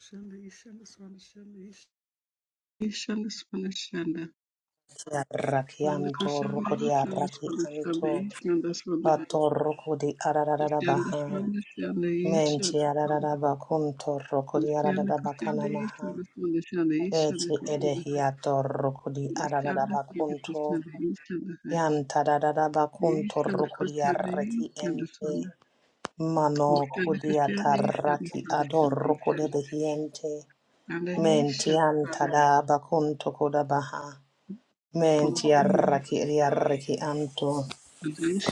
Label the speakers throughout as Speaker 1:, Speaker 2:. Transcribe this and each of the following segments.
Speaker 1: Shanda Ishanda Swanda Shanda Ish- Ishanda Swanda Shanda
Speaker 2: Raki
Speaker 1: Swanda
Speaker 2: anto
Speaker 1: Kushanda
Speaker 2: roko di
Speaker 1: Ishanda
Speaker 2: araki
Speaker 1: Swanda Shanda
Speaker 2: anto
Speaker 1: Ishanda Swanda
Speaker 2: ato roko di arararara
Speaker 1: Ishanda
Speaker 2: baha
Speaker 1: Swanda Shanda
Speaker 2: menti
Speaker 1: Ishanda Swanda
Speaker 2: arararara bakunto roko di
Speaker 1: Kushanda
Speaker 2: arararara bakana
Speaker 1: Kushanda
Speaker 2: maha
Speaker 1: Ishanda Swanda Shanda Ishanda
Speaker 2: eti
Speaker 1: Kushanda
Speaker 2: edehi ato roko di
Speaker 1: Ishanda
Speaker 2: arararara
Speaker 1: Swanda
Speaker 2: bakunto
Speaker 1: Kushanda Ishanda Ishanda
Speaker 2: yanta arararara
Speaker 1: Kushanda Ishanda
Speaker 2: bakunto
Speaker 1: Swanda Kushanda
Speaker 2: roko di
Speaker 1: Kushanda
Speaker 2: araki
Speaker 1: Ishanda Swanda
Speaker 2: ente mano
Speaker 1: Shanda Ishanda Swanda Ishanda Swanda
Speaker 2: kudi
Speaker 1: Kushanda Ishanda
Speaker 2: ataraki ador
Speaker 1: Kushanda
Speaker 2: roko de behi ente menti anta da bakunto koda baha Menti arraki ri arraki anto.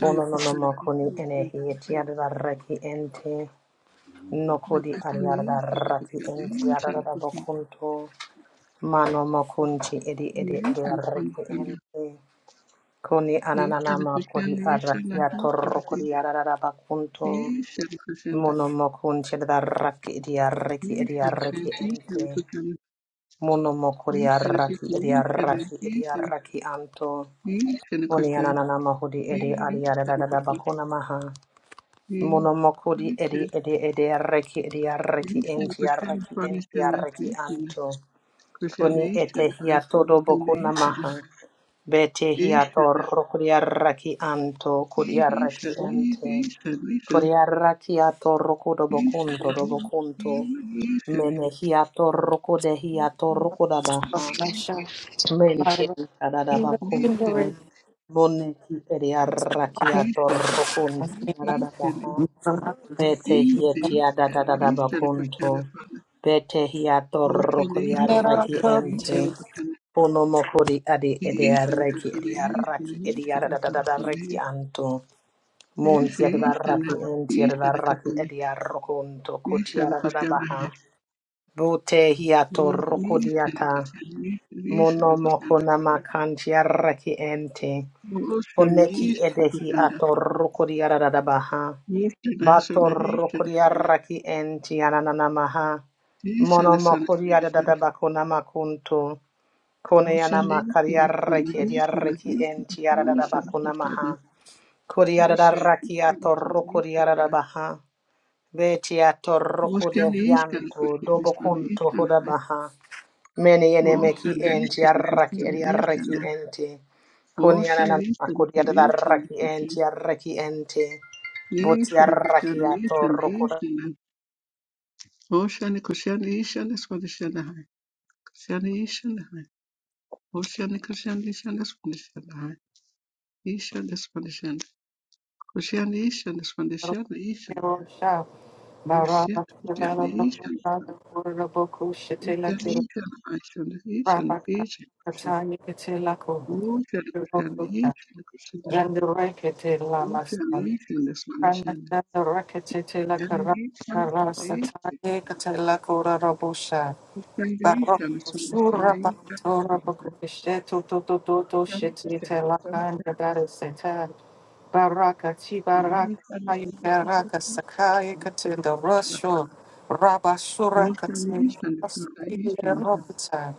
Speaker 2: ono no no mo koni
Speaker 1: Ishanda
Speaker 2: enehi ti
Speaker 1: Swanda
Speaker 2: arraki ente. No
Speaker 1: like
Speaker 2: kodi
Speaker 1: within
Speaker 2: arrada
Speaker 1: this, and
Speaker 2: arraki
Speaker 1: within
Speaker 2: ente
Speaker 1: this, and
Speaker 2: arrada
Speaker 1: within
Speaker 2: bokunto. Mano mo kunti edi edi
Speaker 1: this,
Speaker 2: edi
Speaker 1: and from
Speaker 2: arraki
Speaker 1: the
Speaker 2: ente. Koni
Speaker 1: this,
Speaker 2: ananana
Speaker 1: and
Speaker 2: mo kodi
Speaker 1: within this, and
Speaker 2: arraki
Speaker 1: like this, and
Speaker 2: atorro
Speaker 1: within
Speaker 2: kodi arrada bakunto.
Speaker 1: this, and within
Speaker 2: Mono mo kunti edi arraki edi arraki edi
Speaker 1: the this,
Speaker 2: arraki
Speaker 1: and
Speaker 2: ente.
Speaker 1: within
Speaker 2: Mono mo
Speaker 1: this,
Speaker 2: kodi
Speaker 1: and
Speaker 2: arraki edi
Speaker 1: within this, and
Speaker 2: arraki edi
Speaker 1: within this,
Speaker 2: arraki anto.
Speaker 1: and like this, and this, and within
Speaker 2: Kunianana mahudi edi
Speaker 1: this,
Speaker 2: adiada da
Speaker 1: and
Speaker 2: da da
Speaker 1: within
Speaker 2: bakuna maha.
Speaker 1: this,
Speaker 2: Munomokudi
Speaker 1: this, and
Speaker 2: edi edi edi arreki edi
Speaker 1: this,
Speaker 2: arreki
Speaker 1: and
Speaker 2: enti
Speaker 1: within
Speaker 2: arreki
Speaker 1: from this,
Speaker 2: enti
Speaker 1: and like this,
Speaker 2: arreki
Speaker 1: and within this,
Speaker 2: anto. Kuni
Speaker 1: and
Speaker 2: ete
Speaker 1: I
Speaker 2: hiato
Speaker 1: from
Speaker 2: do
Speaker 1: within
Speaker 2: bokuna
Speaker 1: this, and
Speaker 2: maha. Bete
Speaker 1: this, and this,
Speaker 2: hiato rokudi arreki anto kudi
Speaker 1: and this,
Speaker 2: arreki
Speaker 1: and
Speaker 2: ente.
Speaker 1: this, and this, and
Speaker 2: Kudi arreki ato rokudo
Speaker 1: Ishana,
Speaker 2: bokunto do
Speaker 1: Ishana,
Speaker 2: bokunto.
Speaker 1: Ishana,
Speaker 2: Mene hiato rokude hiato rokuda
Speaker 3: Yandurekete la
Speaker 2: baha.
Speaker 1: Ishana,
Speaker 3: masai,
Speaker 2: Menti Mentian
Speaker 1: Ishana,
Speaker 2: tadadabacunto. Moneki ediarrakiato rucuntia dadadabaha. Bete hietia dadadabacunto.
Speaker 1: Ishana,
Speaker 2: Bete hiato rucuriarraki ente. Onomokori adi ediarraki ediarraki ediarraki anto. Montia dadarraki entia dadarraki ediarrucunto. Cutiara dadabaha. Bute hiato rucuriata. Mono mokona makanti arraki ente. oneki edehi atorruko di aradabaha. Batorruko di arraki enti ananamaha. Mono
Speaker 1: Ishana sana
Speaker 2: moko di
Speaker 1: shana shana.
Speaker 2: aradabakona makunto. Kone
Speaker 1: Oshana
Speaker 2: anamakari
Speaker 1: ishana shana
Speaker 2: arraki edi
Speaker 1: ishana
Speaker 2: arraki enti
Speaker 1: ishana ishana
Speaker 2: aradabakona maha.
Speaker 1: shana.
Speaker 2: Kori
Speaker 1: Oshana
Speaker 2: aradarraki
Speaker 1: ishana shana
Speaker 2: atorruko di
Speaker 1: ishana.
Speaker 2: aradabaha. Veti atorruko de
Speaker 1: Oshana ishana
Speaker 2: hianto.
Speaker 1: kushana
Speaker 2: Dobo
Speaker 1: shana
Speaker 2: kunto
Speaker 1: ishana.
Speaker 2: hodabaha. Many enemeki
Speaker 1: Oshana
Speaker 2: enti
Speaker 1: ishana
Speaker 2: arraki
Speaker 1: kushana
Speaker 2: eri arraki
Speaker 1: ishana.
Speaker 2: enti. Kuni
Speaker 1: Oshana
Speaker 2: anana
Speaker 1: ishana
Speaker 2: makuri
Speaker 1: kushana
Speaker 2: arda
Speaker 1: ishana
Speaker 2: arraki enti
Speaker 1: kushana.
Speaker 2: arraki enti. Buti
Speaker 1: Ishana
Speaker 2: arraki
Speaker 1: kushana
Speaker 2: ato
Speaker 1: ishana
Speaker 2: rukura
Speaker 1: ishana. Oshana kushana ishana shana Oh shana. Kushana ishana. Oshana kushana ishana shana Oh shana. Ishana shana shana. Shana. Shana Shana Koscielny-Ishyn-Svandishelny-Ishyn, Koscielny, Koscielny-Ishyn, Koscielny-Ishyn, Ishyn, Koscielny, Koscielny, Koscielny-Ishyn, Koscielny, Koscielny-Ishyn-Svandishelny,
Speaker 3: Rana
Speaker 1: Koscielny-Ishyn-Svandishelny,
Speaker 3: Shandarekete la karata karasa
Speaker 1: Koscielny-Ishyn-Svandishelny,
Speaker 3: taye kete la kura rabusha.
Speaker 1: Koscielny,
Speaker 3: Barocco surra pantoro
Speaker 1: Koscielny-Svandishelny,
Speaker 3: pocupisceto toto toto scetite la candia
Speaker 1: Koscielny-Ishyn-Svandishelny,
Speaker 3: barisetar. Baraka ti baraka tai baraka sakai katinda rosho. Rabasura katinda roskile
Speaker 1: Koscielny-Ishyn-Svandishelny,
Speaker 3: rokuta.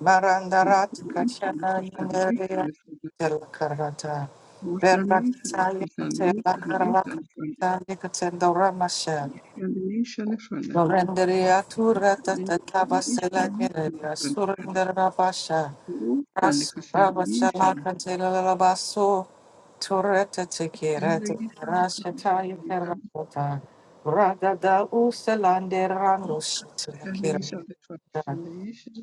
Speaker 3: Marandarat kachana yanderia del karata.
Speaker 1: Kuhlanganisa-
Speaker 3: Berrakataya katela
Speaker 1: kuhlanganisa nishana sana,
Speaker 3: karakata nikatinda ramasha.
Speaker 1: kuhlanganisa na sana,
Speaker 3: Renderia tura
Speaker 1: kuhlanganisa
Speaker 3: tata basela
Speaker 1: nishana sana
Speaker 3: generia
Speaker 1: sana,
Speaker 3: surrendera basha
Speaker 1: kuhlan-
Speaker 3: ras
Speaker 1: kuhlanganisa na- kuhlanganisa
Speaker 3: rabashala
Speaker 1: na sana,
Speaker 3: kantela la basso turreta tekira
Speaker 1: kuhlanganisa na- kuhlanganisa na sana,
Speaker 3: rashata interrota rada da uselande rando shitla kira
Speaker 1: kuhlanganisa na sana, kuhlanganisa na sana sana,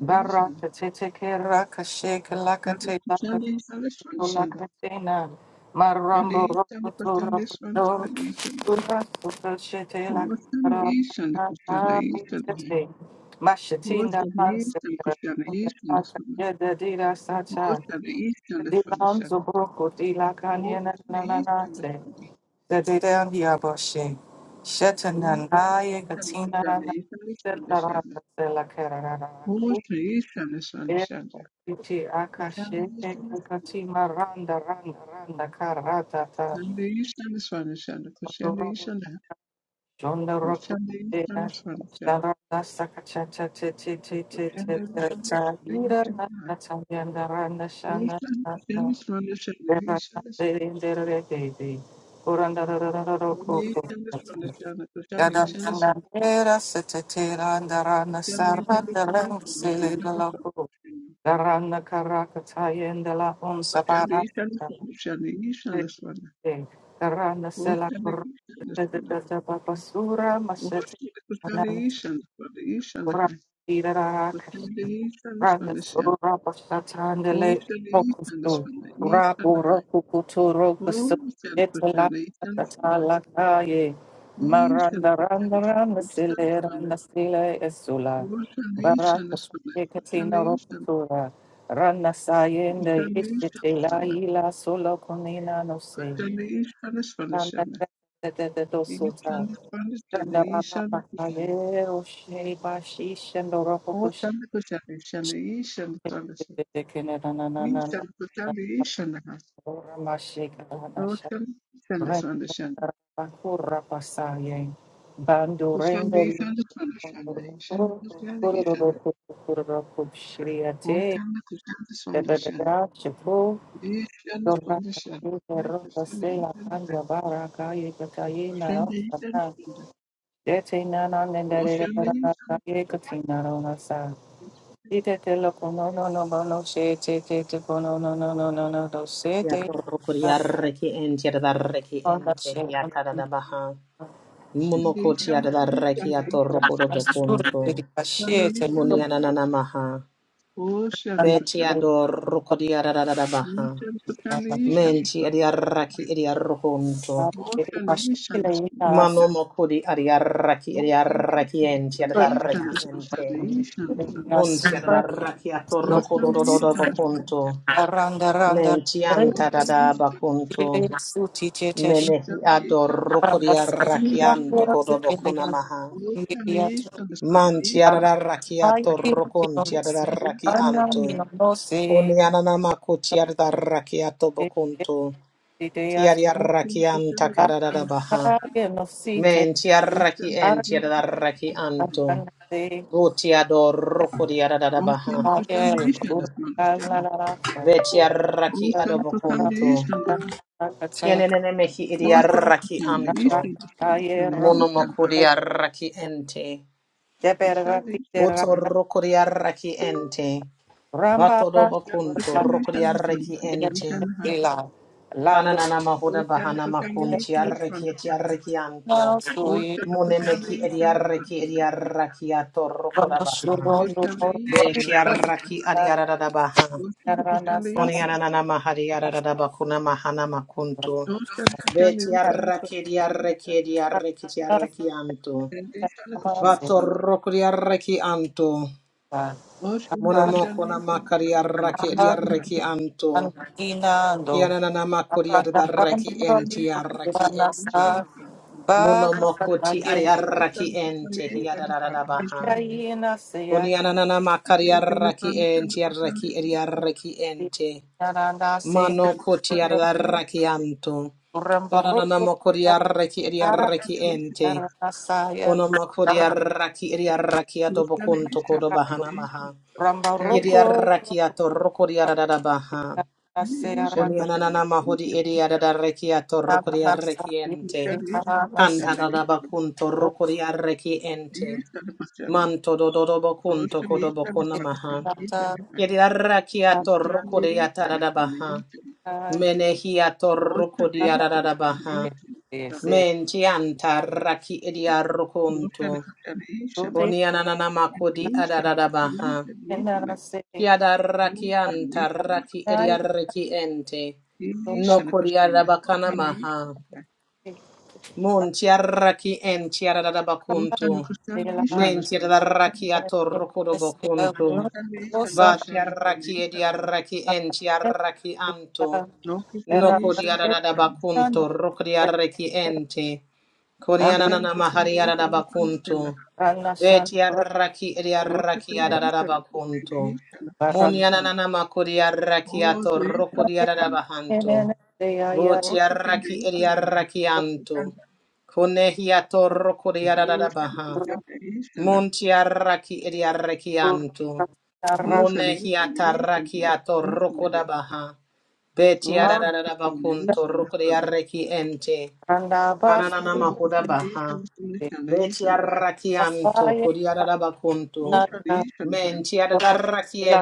Speaker 3: Baraka tete kera kashake lakate lakato
Speaker 1: na- kuhlanganisa na kuhlanganisa na- kuhlanganisa
Speaker 3: lakatena. Marambo
Speaker 1: na kuhlanganisa
Speaker 3: rokoto
Speaker 1: na- kuhlanganisa na kuhlanganisa na sana, kuhlanganisa
Speaker 3: raposhon. Urato kashete lakara tata bujete. Mashatinda pansera. tinda Lakayeda dira sacha.
Speaker 1: na sana sana.
Speaker 3: Dilanzo broko dilakanyena
Speaker 1: Mostly
Speaker 3: nananate.
Speaker 1: işçileştirdi.
Speaker 3: Dedidan diaboshe.
Speaker 1: Bunu
Speaker 3: Shetanan naye
Speaker 1: işçilik
Speaker 3: katina
Speaker 1: işlerle
Speaker 3: rana.
Speaker 1: işçileştirdi.
Speaker 3: Sertaranda selakera
Speaker 1: Bu işçi işçileştirdi.
Speaker 3: Iti
Speaker 1: Koçende
Speaker 3: akashe
Speaker 1: işçileştirdi.
Speaker 3: kati maranda randa randa karata ta
Speaker 1: Nende işçileştirdi. Koçende
Speaker 3: Mandorobo
Speaker 1: işçileştirdi.
Speaker 3: jonda roku
Speaker 1: Koçende
Speaker 3: dea
Speaker 1: işçileştirdi.
Speaker 3: Sharanda sakacha cha cha cha cha cha cha
Speaker 1: Koçende
Speaker 3: cha cha
Speaker 1: işçileştirdi.
Speaker 3: Ira na
Speaker 1: İşçileştirdi.
Speaker 3: na cha yanda randa
Speaker 1: Bu
Speaker 3: shana
Speaker 1: işçileştirdi.
Speaker 3: na na
Speaker 1: Koçende işçileştirdi. İşçileştirdi. Bu işçileştirdi. Koçende işçileştirdi.
Speaker 3: Dera na dere dere dere dere Kuranda rara rara
Speaker 1: Koçende
Speaker 3: roku
Speaker 1: işçileştirdi. İşçileştirdi. Koçende işçileştirdi.
Speaker 3: Yada nana dera sete te randa randa saranda randa sele na loku Darana karakata yenda la unsa barata
Speaker 1: İşçileştirdi.
Speaker 3: Karana
Speaker 1: Kushana,
Speaker 3: sela
Speaker 1: Kushana, Kushana, hai.
Speaker 3: korata papasura masete
Speaker 1: Kushana, Kushana,
Speaker 3: anana
Speaker 1: Kushana, Kushana,
Speaker 3: sura
Speaker 1: hai. Ocean,
Speaker 3: tirara
Speaker 1: the
Speaker 3: rana
Speaker 1: Ocean, hai.
Speaker 3: sura pasatandele rokusu rabu rokukutu rokusu etala tatala kaye maranda randa randa sile randa sile esula baraka
Speaker 1: Ocean,
Speaker 3: saye katina rokutura rana sayende ishitela ila solo konina no se Renda
Speaker 1: the Ocean, the Ocean, Nishad Kushabhishanah. Ocean Sandasandashan. Kushabhisandasandashan. Ishanda Kushabhishan. Ocean Kushabhisandashan. Ishanda Sandashan. Ishan the Sandashan, Right Kushanda Ishanda. Kushanda Ishanda.
Speaker 3: Dete na na na na na na
Speaker 1: Ocean
Speaker 3: na na ye
Speaker 1: Ishanda.
Speaker 3: kati na na sa. Ite te lo kono no no no no she te te te kono no no no no no no se te.
Speaker 2: ato rukuri arraki enti arda arraki
Speaker 3: Onda
Speaker 2: enti
Speaker 3: she
Speaker 2: yata da baha.
Speaker 1: Kushanda
Speaker 2: Mumukuti
Speaker 1: Ishanda
Speaker 2: arda arraki
Speaker 1: Sandashan.
Speaker 2: ato
Speaker 1: Ishanda
Speaker 2: rukuro
Speaker 3: sura
Speaker 2: bukuntu.
Speaker 3: te di
Speaker 1: Sandashan.
Speaker 3: pashe
Speaker 1: Kushanda
Speaker 3: te lo
Speaker 2: Muni
Speaker 1: Ishanda.
Speaker 2: anana maha.
Speaker 1: Ocean
Speaker 3: anda
Speaker 2: Beti
Speaker 3: te
Speaker 1: Kushanda.
Speaker 3: lo
Speaker 2: ador rukuri arda da baha.
Speaker 1: Ocean
Speaker 3: na
Speaker 1: Kushanda
Speaker 3: na
Speaker 1: Ishanda.
Speaker 2: Menti eri arraki eri
Speaker 3: na
Speaker 2: arrukuntu.
Speaker 3: te di
Speaker 1: Ocean
Speaker 3: pashe te le ni
Speaker 1: Ishanda.
Speaker 3: as.
Speaker 2: Mano mokudi adiarraki
Speaker 1: Ocean
Speaker 2: adiarraki enti
Speaker 1: contamination,
Speaker 2: adarraki
Speaker 1: ocean
Speaker 2: ente.
Speaker 1: contamination,
Speaker 2: Unti adarraki
Speaker 3: Yes,
Speaker 2: atorrokododododo bakunto.
Speaker 3: aranda randa
Speaker 2: Menti
Speaker 3: randa.
Speaker 2: anta dada bakunto.
Speaker 3: Ile suti te te.
Speaker 2: Menehi adorrokodi
Speaker 3: Aranda
Speaker 2: arraki anto kodobokuna
Speaker 3: sa.
Speaker 2: maha.
Speaker 3: Ramba
Speaker 2: Manti adarraki atorrokonti adarraki anto. Oni ananamakuti adarraki atobokunto. Kiari arraki anta kadadada baha. Menti arraki enti adarraki anto. Butiado rukuria da da da baha. Betia arraki adobokuntu. Kienene mehi idia arraki anto. mono Monomokuria arraki ente.
Speaker 1: ocean contamination.
Speaker 2: Boto rukuria arraki ente. Bato
Speaker 1: All
Speaker 3: Ramba
Speaker 2: dobokuntu rukuria arraki ente.
Speaker 3: Lando
Speaker 2: Kananana mahuda bahana makunti arraki eti arraki anto. Mune meki edi arraki edi arraki ato
Speaker 3: Rambaroko,
Speaker 2: rukura baha. Beti arraki adi adiarada baha. Konianana Mahariarada Bakuna Mahana Makuntu. Betiarrakediarrakediarrakediarrakianto. Batorrokodiarrakianto. Monomokona makariarrakediarrakianto. Yananana makuriarraki entiarraki ente. Monomokoti ariarraki ente hiadarada baha. Konianana makariarraki entiarraki ariarraki ente. Mano
Speaker 1: Ocean,
Speaker 2: koti arraki anto. Onanana mokori arraki eri arraki ente. Ono mokori arraki eri arraki adobo kunto kodo bahana maha. Eri arraki ato rokori arada baha. Oni ananana mahodi eri arada reki ato
Speaker 3: Era
Speaker 2: rokori arraki ente. Kanta dada bakunto rokori arraki ente. Manto dododo bakunto kodo bakuna maha. Eri arraki ato rokori atarada baha. Menehia torruco di adadabaha. Mentianta raki idiarrucunto. Unianananamaco di adadabaha. Chiadarrakianta raki idiarriki ente. No codiadabacana maha. Muntiarraki entiadadabacunto.
Speaker 1: Ocean Christianization is christian
Speaker 2: Mentiadarraki atorruco do bocunto.
Speaker 1: Oceanization
Speaker 2: Ba
Speaker 1: Christianization
Speaker 2: tiaraki
Speaker 1: is
Speaker 2: ediaraki en tiaraki anto.
Speaker 1: no
Speaker 2: Noko
Speaker 1: Christianization
Speaker 2: diarada
Speaker 1: Christianism.
Speaker 2: bakunto, roko diaraki ente. Kodianana
Speaker 1: Ocean Christianization is
Speaker 2: mahariarada
Speaker 1: christian
Speaker 2: bakunto. Be tiaraki
Speaker 1: No
Speaker 2: ediaraki adada
Speaker 1: Christianization is
Speaker 2: bakunto.
Speaker 1: Christianization is Christianism.
Speaker 2: Munianana makodiaraki
Speaker 1: All of
Speaker 2: ato,
Speaker 1: these
Speaker 2: roko
Speaker 1: christian
Speaker 2: diarada
Speaker 1: Christianism.
Speaker 2: bahanto. Bo
Speaker 1: All
Speaker 2: tiaraki
Speaker 1: Christianization is Christianism.
Speaker 2: ediaraki anto. Konehiato roko diarada
Speaker 1: Ocean
Speaker 2: baha.
Speaker 1: Christianization is
Speaker 2: Muntiaraki ediaraki anto.
Speaker 1: Ocean Christianization is Christianism. Ocean
Speaker 2: Monehiata
Speaker 1: Christianization
Speaker 2: rakiato
Speaker 1: is
Speaker 2: rokodabaha. Betiarararabakunto rokodiareki ente.
Speaker 3: Randa
Speaker 2: Ananana
Speaker 3: basu,
Speaker 2: mahodabaha.
Speaker 1: Christianism.
Speaker 2: Betiarakianto
Speaker 3: asaya,
Speaker 2: kodiarabakunto.
Speaker 1: Ocean Christianization
Speaker 3: randa
Speaker 1: is Christianism.
Speaker 2: Mentiararaki
Speaker 3: basula,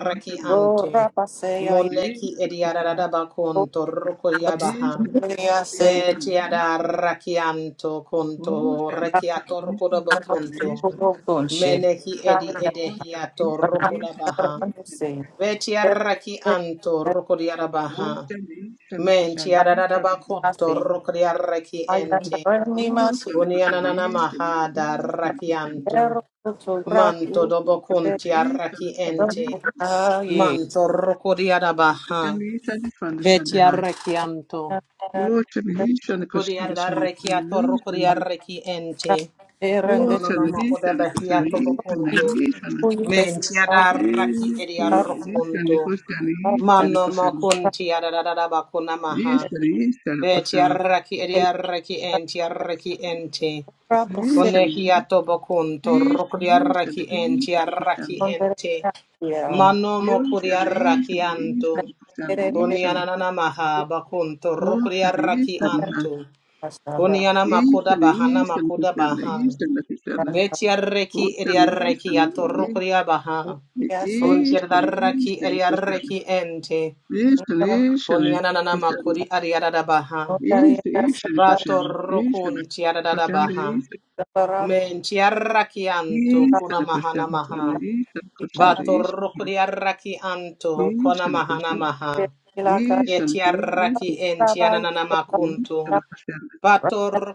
Speaker 1: Oh,
Speaker 3: ora
Speaker 2: anto.
Speaker 3: paseya,
Speaker 2: Moneki ediararabakunto rokodiabaha.
Speaker 3: basula, se,
Speaker 2: Betiararakianto kunto rekiato
Speaker 3: basula,
Speaker 2: rokodabakunto.
Speaker 3: conche,
Speaker 2: Menehi edi
Speaker 3: randa,
Speaker 2: edehiato rokodabaha.
Speaker 3: randa, se,
Speaker 2: Beti arraki anto roko di arabaha. Menti arararabakunto
Speaker 3: assim,
Speaker 2: roko di arraki
Speaker 3: ai, randa,
Speaker 2: ente.
Speaker 3: anima,
Speaker 2: Unianana maha da arraki anto.
Speaker 3: supero,
Speaker 2: Manto
Speaker 3: sobraco, ai,
Speaker 2: dobokunti arraki ente. Manto roko di arabaha. Beti arraki anto. Buriarreki atorrokuriarreki ente.
Speaker 3: randa, randa, randa,
Speaker 2: Onononomokodabahiato bokunto. Mentiadarraki
Speaker 1: Ishani
Speaker 3: Uy,
Speaker 1: and
Speaker 2: ediarrokunto.
Speaker 1: Ishani question
Speaker 3: Dalam
Speaker 1: Ishani and the
Speaker 2: Mano
Speaker 1: question
Speaker 2: mokunti adadadabakunamaha.
Speaker 1: is, and is, and the question
Speaker 2: Betiarraki ediarreki entiarreki ente.
Speaker 1: Ishani and Ishani
Speaker 2: Onehiato bokunto
Speaker 1: is, Ishani
Speaker 2: rokuriarreki
Speaker 1: is, Ishani the
Speaker 2: entiarraki
Speaker 1: question.
Speaker 2: ente. Mano
Speaker 1: Ishani is,
Speaker 2: mokuriarraki
Speaker 1: and is,
Speaker 2: anto.
Speaker 1: Ishani the question
Speaker 2: Uniananamaha bakunto rokuriarraki
Speaker 1: Ishani
Speaker 2: anto. Kuniana makoda
Speaker 1: Ishani Ishani
Speaker 2: bahana
Speaker 1: ocean is,
Speaker 2: makoda
Speaker 1: and the is,
Speaker 2: baha. Betiarreki eriarreki atorrokoria baha. Kuntirdarraki eriarreki ente. Kuniana nana makuri ariarada baha. Vatorrokun tiarada baha. Mentiarraki anto kuna
Speaker 1: Ishana Krishna,
Speaker 2: mahana
Speaker 1: Krishna,
Speaker 2: maha.
Speaker 1: Ishana Krishna, Ishana,
Speaker 2: Vatorrokoriarraki anto kuna
Speaker 1: Ishana
Speaker 2: mahana
Speaker 1: Krishna,
Speaker 2: maha.
Speaker 1: Ishana
Speaker 2: Etiarraki
Speaker 1: Krishna,
Speaker 2: entianana makunto.
Speaker 1: Ishana Krishna,
Speaker 2: Bator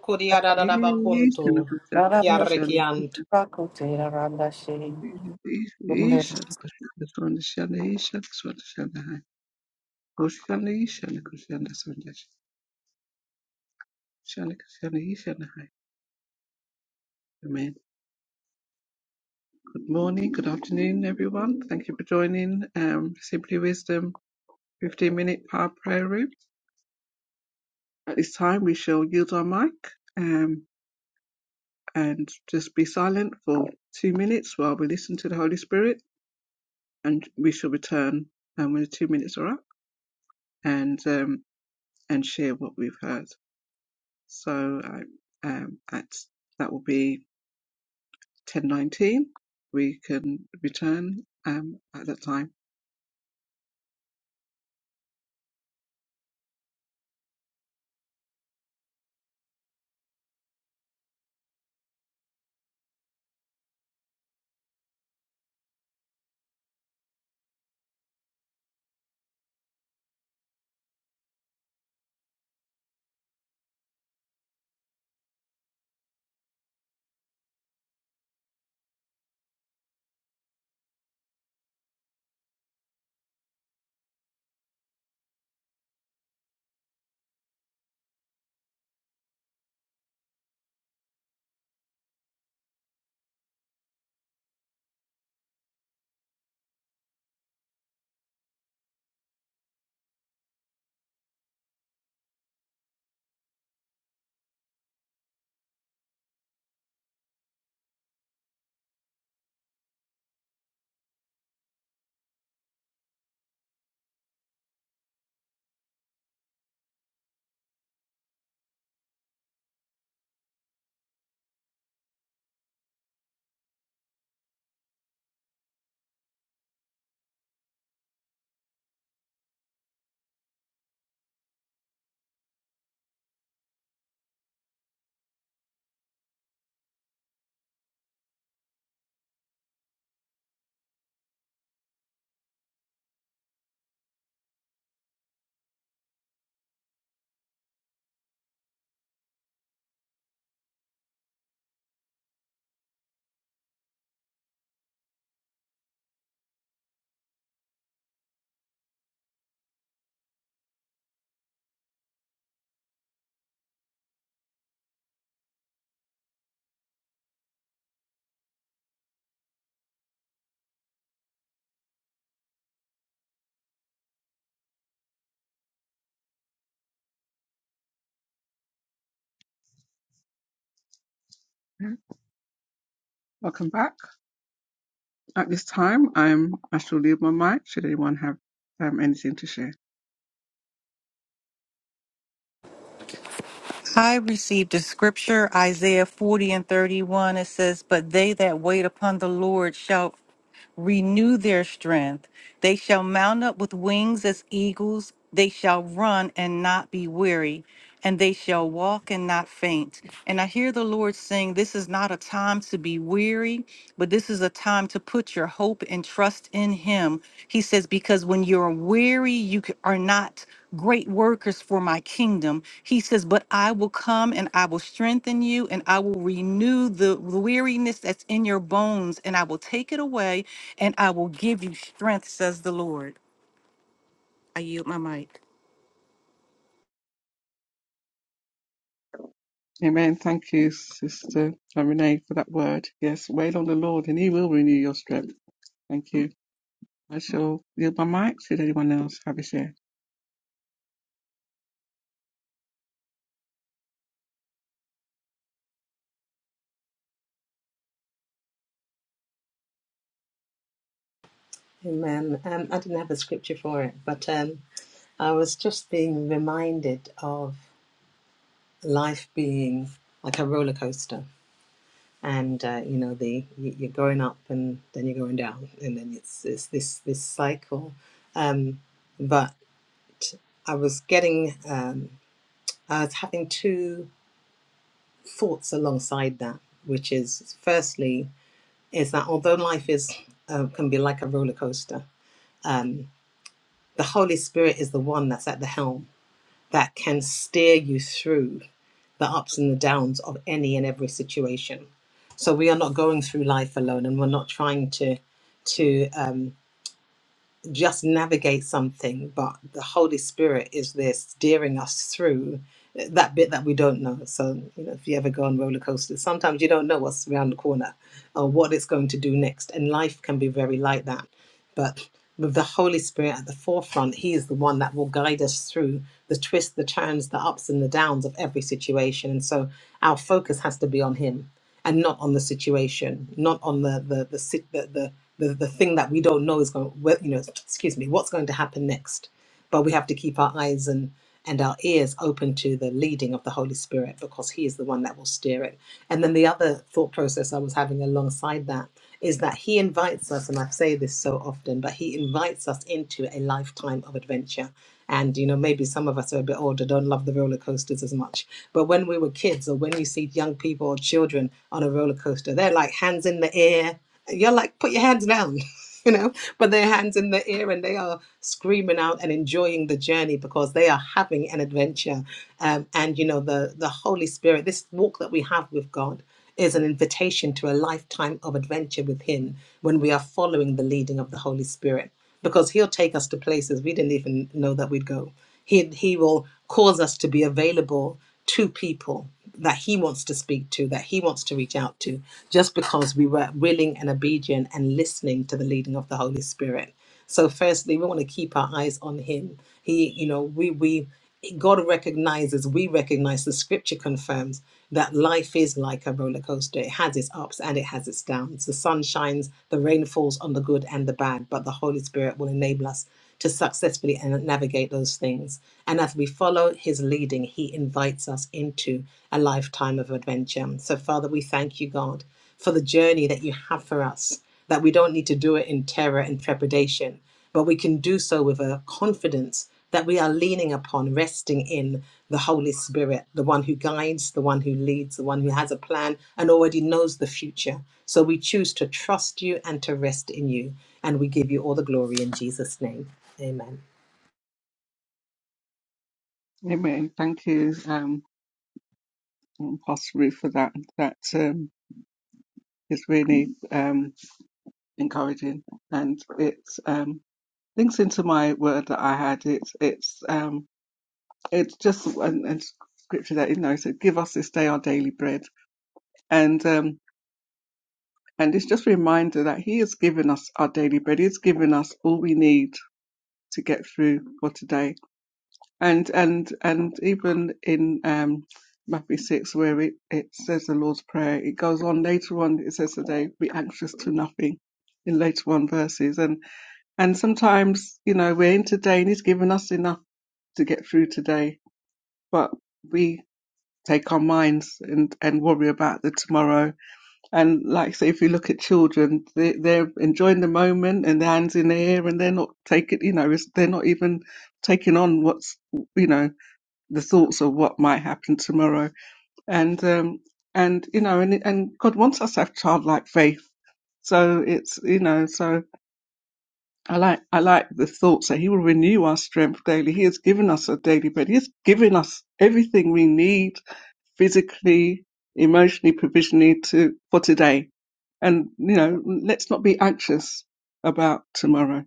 Speaker 1: Ishana
Speaker 2: Kuriadadabakuntu.
Speaker 1: Krishna,
Speaker 3: nuskura
Speaker 2: Kiarekiant.
Speaker 3: kutera randa shing.
Speaker 1: Krishna, Ishana Krishna, Swami Shana, Ishana Swami Shana Hai, Krishna, Ishana Krishna, Swami Shana, Krishna, Ishana Hai. Amen. Good morning, good afternoon, everyone. Thank you for joining um, Simply Wisdom 15 minute power prayer room. At this time, we shall yield our mic. um, and just be silent for two minutes while we listen to the Holy Spirit, and we shall return um, when the two minutes are up and um, and share what we've heard. So um, um, at that will be ten nineteen. We can return um, at that time. Okay. Welcome back. At this time, I'm I shall leave my mic. Should anyone have um, anything to share?
Speaker 3: I received a scripture, Isaiah 40 and 31. It says, But they that wait upon the Lord shall renew their strength. They shall mount up with wings as eagles. They shall run and not be weary, and they shall walk and not faint. And I hear the Lord saying, This is not a time to be weary, but this is a time to put your hope and trust in Him. He says, Because when you're weary, you c- are not great workers for my kingdom. He says, But I will come and I will strengthen you, and I will renew the weariness that's in your bones, and I will take it away and I will give you strength, says the Lord. I yield my mic.
Speaker 1: Amen. Thank you, Sister Renee, for that word. Yes, wait on the Lord and He will renew your strength. Thank you. I shall yield my mic. Should anyone else have a share?
Speaker 2: Amen. Um, I didn't have a scripture for it, but um, I was just being reminded of life being like a roller coaster, and uh, you know, the y- you're going up and then you're going down, and then it's it's this this cycle. But I was getting, um, I was having two thoughts alongside that, which is firstly is that although life is uh, can be like a roller coaster, um, the Holy Spirit is the one that's at the helm that can steer you through the ups and the downs of any and every situation. So we are not going through life alone, and we're not trying to to um, just navigate something. But the Holy Spirit is there steering us through that bit that we don't know. So you know, if you ever go on roller coasters, sometimes you don't know what's around the corner or what it's going to do next, and life can be very like that but with the Holy Spirit at the forefront, He is the one that will guide us through the twists, the turns, the ups and the downs of every situation. And so our focus has to be on Him and not on the situation, not on the the the sit- the the, the, the thing that we don't know is going. well, You know, excuse me, what's going to happen next? But we have to keep our eyes and and our ears open to the leading of the Holy Spirit because He is the one that will steer it. And then the other thought process I was having alongside that is that He invites us, and I say this so often, but He invites us into a lifetime of adventure. And you know, maybe some of us are a bit older, don't love the roller coasters as much. But when we were kids, or when you see young people or children on a roller coaster, they're like hands in the air. You're like, put your hands down. you know, but their hands in the air and they are screaming out and enjoying the journey because they are having an adventure. Um, and you know, the the Holy Spirit, this walk that we have with God is an invitation to a lifetime of adventure with Him when we are following the leading of the Holy Spirit because he'll take us to places we didn't even know that we'd go. He he will cause us to be available to people that he wants to speak to, that he wants to reach out to, just because we were willing and obedient and listening to the leading of the Holy Spirit. So firstly, we want to keep our eyes on him. He, you know, we we God recognizes, we recognize, the scripture confirms that life is like a roller coaster. It has its ups and it has its downs. The sun shines, the rain falls on the good and the bad, but the Holy Spirit will enable us to successfully and navigate those things. And as we follow his leading, he invites us into a lifetime of adventure. So, Father, we thank you, God, for the journey that you have for us, that we don't need to do it in terror and trepidation, but we can do so with a confidence that we are leaning upon, resting in the Holy Spirit, the one who guides, the one who leads, the one who has a plan and already knows the future. So we choose to trust you and to rest in you. And we give you all the glory in Jesus' name. Amen.
Speaker 1: Amen. Thank you, um, Pastor Ruth, for that. That um, is really um, encouraging, and it um, links into my word that I had. It's it's um, it's just an, an scripture that you know. So give us this day our daily bread, and um, And it's just a reminder that He has given us our daily bread. He's given us all we need to get through for today. And and and even in um, Matthew six, where it, it says the Lord's Prayer, it goes on later on. It says today, "Be anxious to nothing." In later on verses, and and sometimes you know we're in today, and He's given us enough to get through today, but we take our minds and and worry about the tomorrow and like I say, if you look at children, they, they're enjoying the moment and their hands in the air, and they're not taking, you know, it's, they're not even taking on what's, you know, the thoughts of what might happen tomorrow. And um, and you know, and and God wants us to have childlike faith. So it's you know, so I like I like the thoughts that He will renew our strength daily. He has given us a daily bread. He has given us everything we need physically, emotionally, provisionally to for today and you know let's not be anxious about tomorrow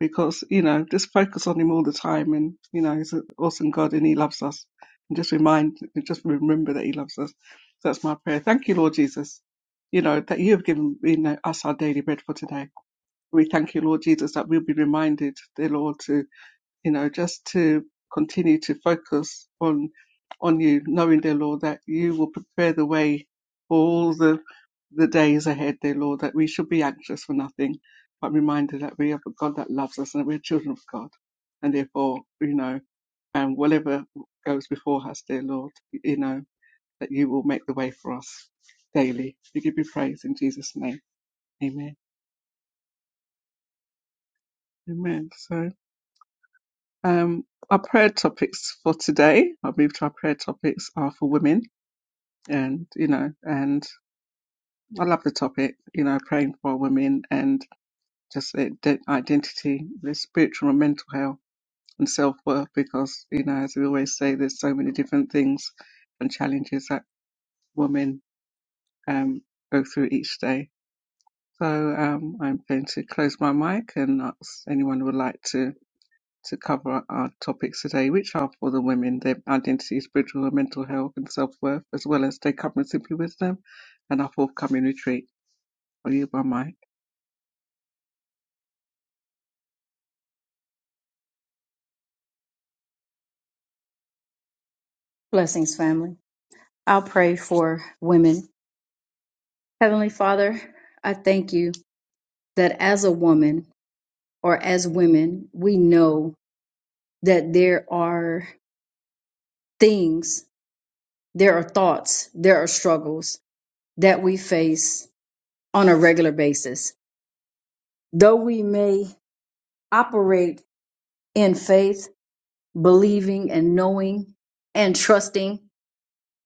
Speaker 1: because you know just focus on him all the time and you know he's an awesome god and he loves us and just remind just remember that he loves us that's my prayer thank you lord jesus you know that you have given you know us our daily bread for today we thank you lord jesus that we'll be reminded dear lord to you know, just to continue to focus on on you, knowing, dear Lord, that you will prepare the way for all the the days ahead, dear Lord, that we should be anxious for nothing, but reminded that we have a God that loves us and that we're children of God. And therefore, you know, and whatever goes before us, dear Lord, you know, that you will make the way for us daily. We give you praise in Jesus' name. Amen. Amen. So. Um, our prayer topics for today, I believe our prayer topics are for women and, you know, and I love the topic, you know, praying for women and just the ide- identity, the spiritual and mental health and self-worth because, you know, as we always say, there's so many different things and challenges that women um, go through each day. So um, I'm going to close my mic and ask anyone who would like to to cover our topics today, which are for the women, their identity, spiritual and mental health and self worth, as well as their covering simply wisdom and our forthcoming retreat. Are you by mic?
Speaker 4: Blessings, family. I'll pray for women. Heavenly Father, I thank you that as a woman or as women, we know that there are things, there are thoughts, there are struggles that we face on a regular basis. Though we may operate in faith, believing and knowing and trusting,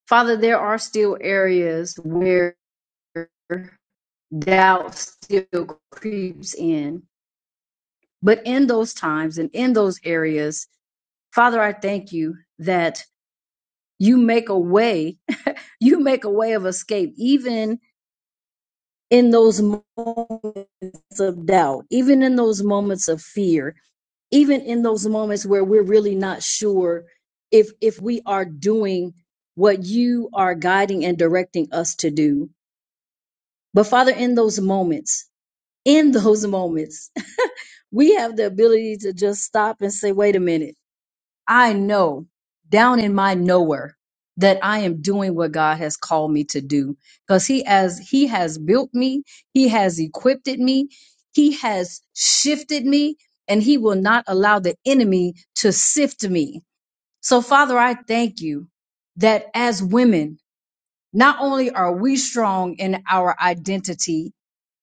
Speaker 4: Father, there are still areas where doubt still creeps in But in those times and in those areas, Father, I thank you that you make a way, you make a way of escape, even in those moments of doubt, even in those moments of fear, even in those moments where we're really not sure if if we are doing what you are guiding and directing us to do. But Father, in those moments, in those moments, we have the ability to just stop and say, wait a minute I know down in my nowhere that I am doing what God has called me to do because he as he has built me, he has equipped me, he has shifted me and he will not allow the enemy to sift me. So Father, I thank you that as women, not only are we strong in our identity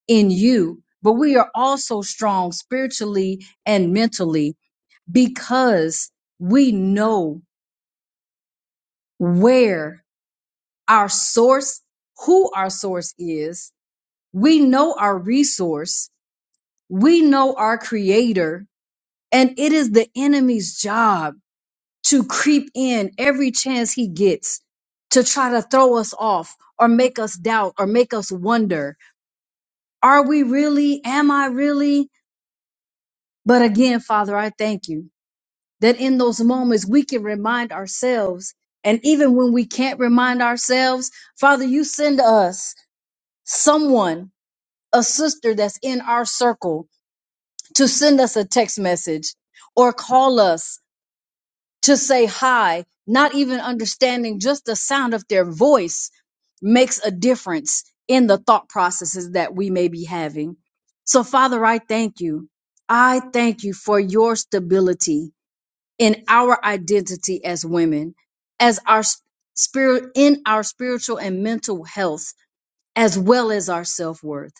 Speaker 4: in you, but we are also strong spiritually and mentally because we know where our source, who our source is. We know our resource. We know our creator. And it is the enemy's job to creep in every chance he gets to try to throw us off or make us doubt or make us wonder are we really? Am I really? But again, Father, I thank you that in those moments we can remind ourselves. And even when we can't remind ourselves, Father, you send us someone, a sister that's in our circle, to send us a text message or call us to say hi, not even understanding just the sound of their voice makes a difference in the thought processes that we may be having. So, Father, I thank you. I thank you for your stability in our identity as women, as our spirit, in our spiritual and mental health as well as our self worth.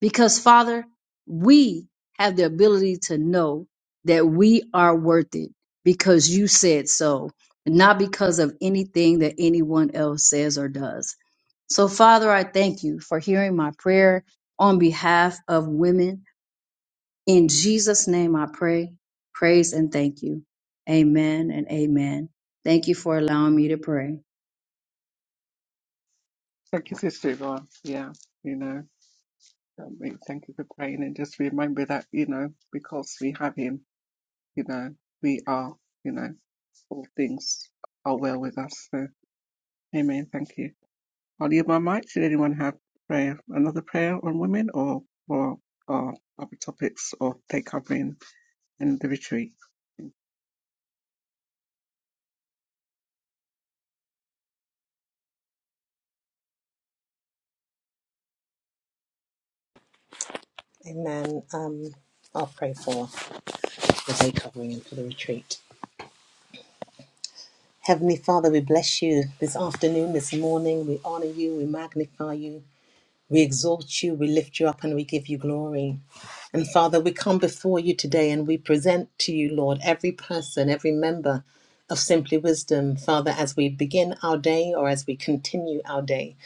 Speaker 4: Because, Father, we have the ability to know that we are worth it because you said so, not because of anything that anyone else says or does. So, Father, I thank you for hearing my prayer on behalf of women. In Jesus' name I pray, praise, and thank you. Amen and amen. Thank you for allowing me to pray.
Speaker 1: Thank you, Sister Yvonne. Yeah, you know, I mean, thank you for praying and just remember that, you know, because we have him, you know, we are, you know, all things are well with us. So, amen. Thank you. Are you by mic? Should anyone have prayer, another prayer on women or, or, or other topics or take covering? and the retreat.
Speaker 2: Amen. Um, I'll pray for the day covering and for the retreat. Heavenly Father, we bless you this afternoon, this morning. We honor you, we magnify you. We exalt you, we lift you up, and we give you glory. And Father, we come before you today and we present to you, Lord, every person, every member of Simply Wisdom, Father, as we begin our day or as we continue our day.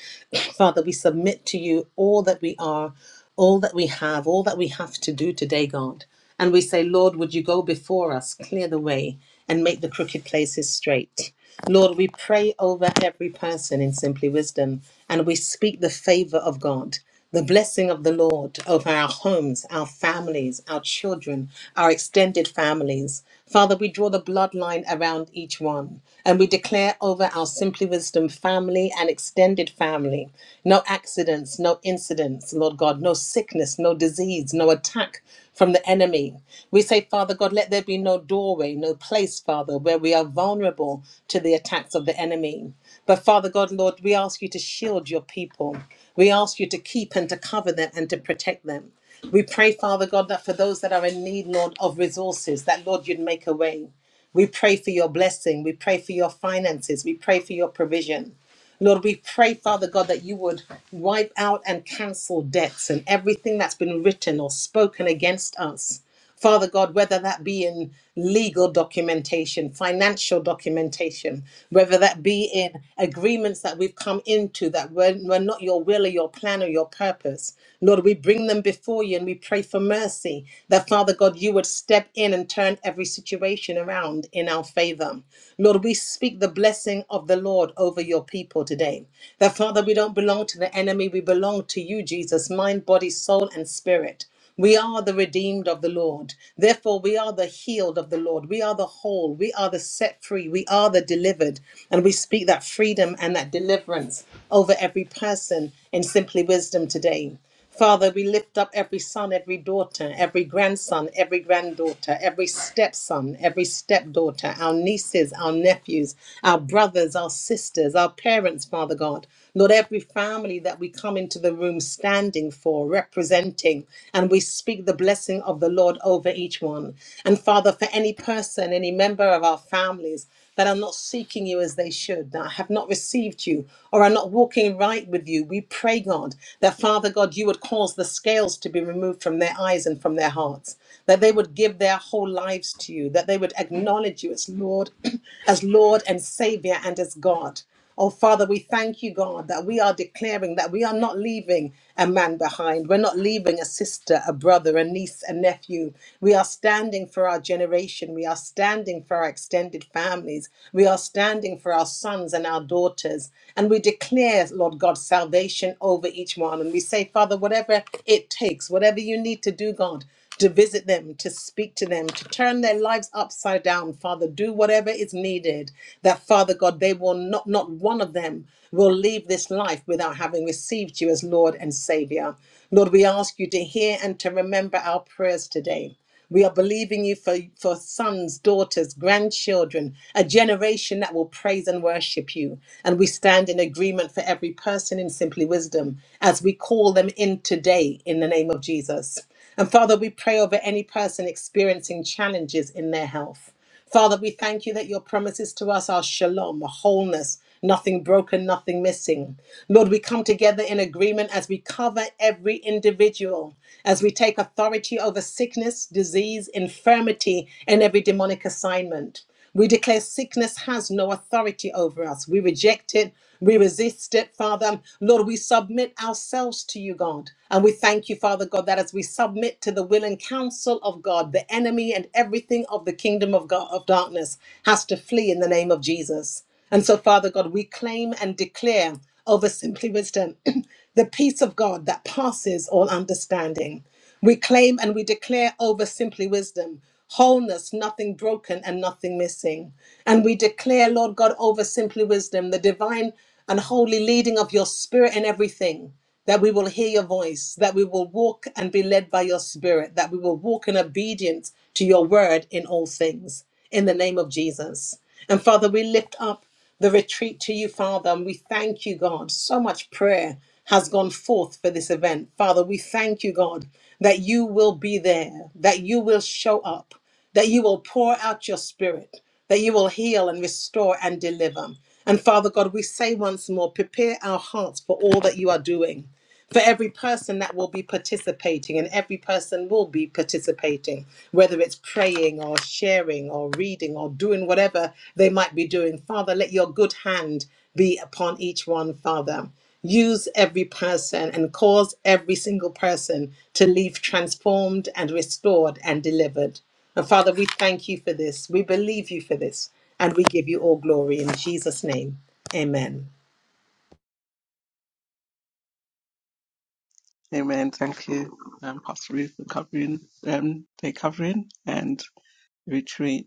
Speaker 2: Father, we submit to you all that we are, all that we have, all that we have to do today, God. And we say, Lord, would you go before us, clear the way, and make the crooked places straight? Lord, we pray over every person in Simply Wisdom, and we speak the favor of God. The blessing of the Lord over our homes, our families, our children, our extended families. Father, we draw the bloodline around each one and we declare over our Simply Wisdom family and extended family no accidents, no incidents, Lord God, no sickness, no disease, no attack from the enemy. We say, Father God, let there be no doorway, no place, Father, where we are vulnerable to the attacks of the enemy. But Father God, Lord, we ask you to shield your people. We ask you to keep and to cover them and to protect them. We pray, Father God, that for those that are in need, Lord, of resources, that Lord, you'd make a way. We pray for your blessing. We pray for your finances. We pray for your provision. Lord, we pray, Father God, that you would wipe out and cancel debts and everything that's been written or spoken against us. Father God, whether that be in legal documentation, financial documentation, whether that be in agreements that we've come into that were, were not your will or your plan or your purpose. Lord, we bring them before you and we pray for mercy that, Father God, you would step in and turn every situation around in our favor. Lord, we speak the blessing of the Lord over your people today. That, Father, we don't belong to the enemy, we belong to you, Jesus, mind, body, soul, and spirit. We are the redeemed of the Lord. Therefore, we are the healed of the Lord. We are the whole. We are the set free. We are the delivered. And we speak that freedom and that deliverance over every person in Simply Wisdom today. Father, we lift up every son, every daughter, every grandson, every granddaughter, every stepson, every stepdaughter, our nieces, our nephews, our brothers, our sisters, our parents, Father God. Lord, every family that we come into the room standing for, representing, and we speak the blessing of the Lord over each one. And Father, for any person, any member of our families that are not seeking you as they should, that have not received you, or are not walking right with you, we pray, God, that Father God, you would cause the scales to be removed from their eyes and from their hearts, that they would give their whole lives to you, that they would acknowledge you as Lord, as Lord and Savior and as God. Oh, Father, we thank you, God, that we are declaring that we are not leaving a man behind. We're not leaving a sister, a brother, a niece, a nephew. We are standing for our generation. We are standing for our extended families. We are standing for our sons and our daughters. And we declare, Lord God, salvation over each one. And we say, Father, whatever it takes, whatever you need to do, God, to visit them, to speak to them, to turn their lives upside down, Father. Do whatever is needed that, Father God, they will not, not one of them will leave this life without having received you as Lord and Savior. Lord, we ask you to hear and to remember our prayers today. We are believing you for, for sons, daughters, grandchildren, a generation that will praise and worship you. And we stand in agreement for every person in Simply Wisdom as we call them in today in the name of Jesus. And Father, we pray over any person experiencing challenges in their health. Father, we thank you that your promises to us are shalom, wholeness, nothing broken, nothing missing. Lord, we come together in agreement as we cover every individual, as we take authority over sickness, disease, infirmity, and every demonic assignment. We declare sickness has no authority over us. We reject it. We resist it, Father. Lord, we submit ourselves to you, God. And we thank you, Father God, that as we submit to the will and counsel of God, the enemy and everything of the kingdom of God of darkness has to flee in the name of Jesus. And so, Father God, we claim and declare over Simply Wisdom the peace of God that passes all understanding. We claim and we declare over Simply Wisdom wholeness, nothing broken and nothing missing. And we declare, Lord God, over Simply Wisdom the divine and holy leading of your spirit in everything. That we will hear your voice, that we will walk and be led by your spirit, that we will walk in obedience to your word in all things. In the name of Jesus. And Father, we lift up the retreat to you, Father, and we thank you, God. So much prayer has gone forth for this event. Father, we thank you, God, that you will be there, that you will show up, that you will pour out your spirit, that you will heal and restore and deliver. And Father God, we say once more, prepare our hearts for all that you are doing for every person that will be participating, and every person will be participating, whether it's praying or sharing or reading or doing whatever they might be doing. Father, let your good hand be upon each one, Father. Use every person and cause every single person to leave transformed and restored and delivered. And Father, we thank you for this. We believe you for this. And we give you all glory in Jesus' name. Amen.
Speaker 1: Amen. Thank you, um, Pastor Ruth, for covering um, the covering and retreat.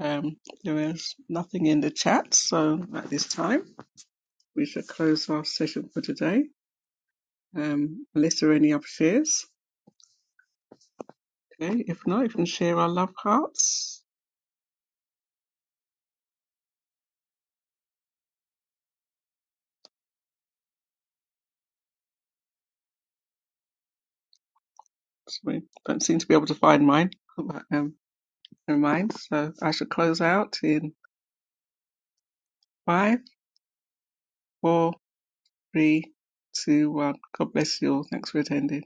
Speaker 1: Um, there is nothing in the chat, so at this time we shall close our session for today. Um, unless there are any other shares. Okay, if not, you can share our love hearts. So we don't seem to be able to find mine. But, um, never mind. So I shall close out in five, four, three, two, one. God bless you all. Thanks for attending.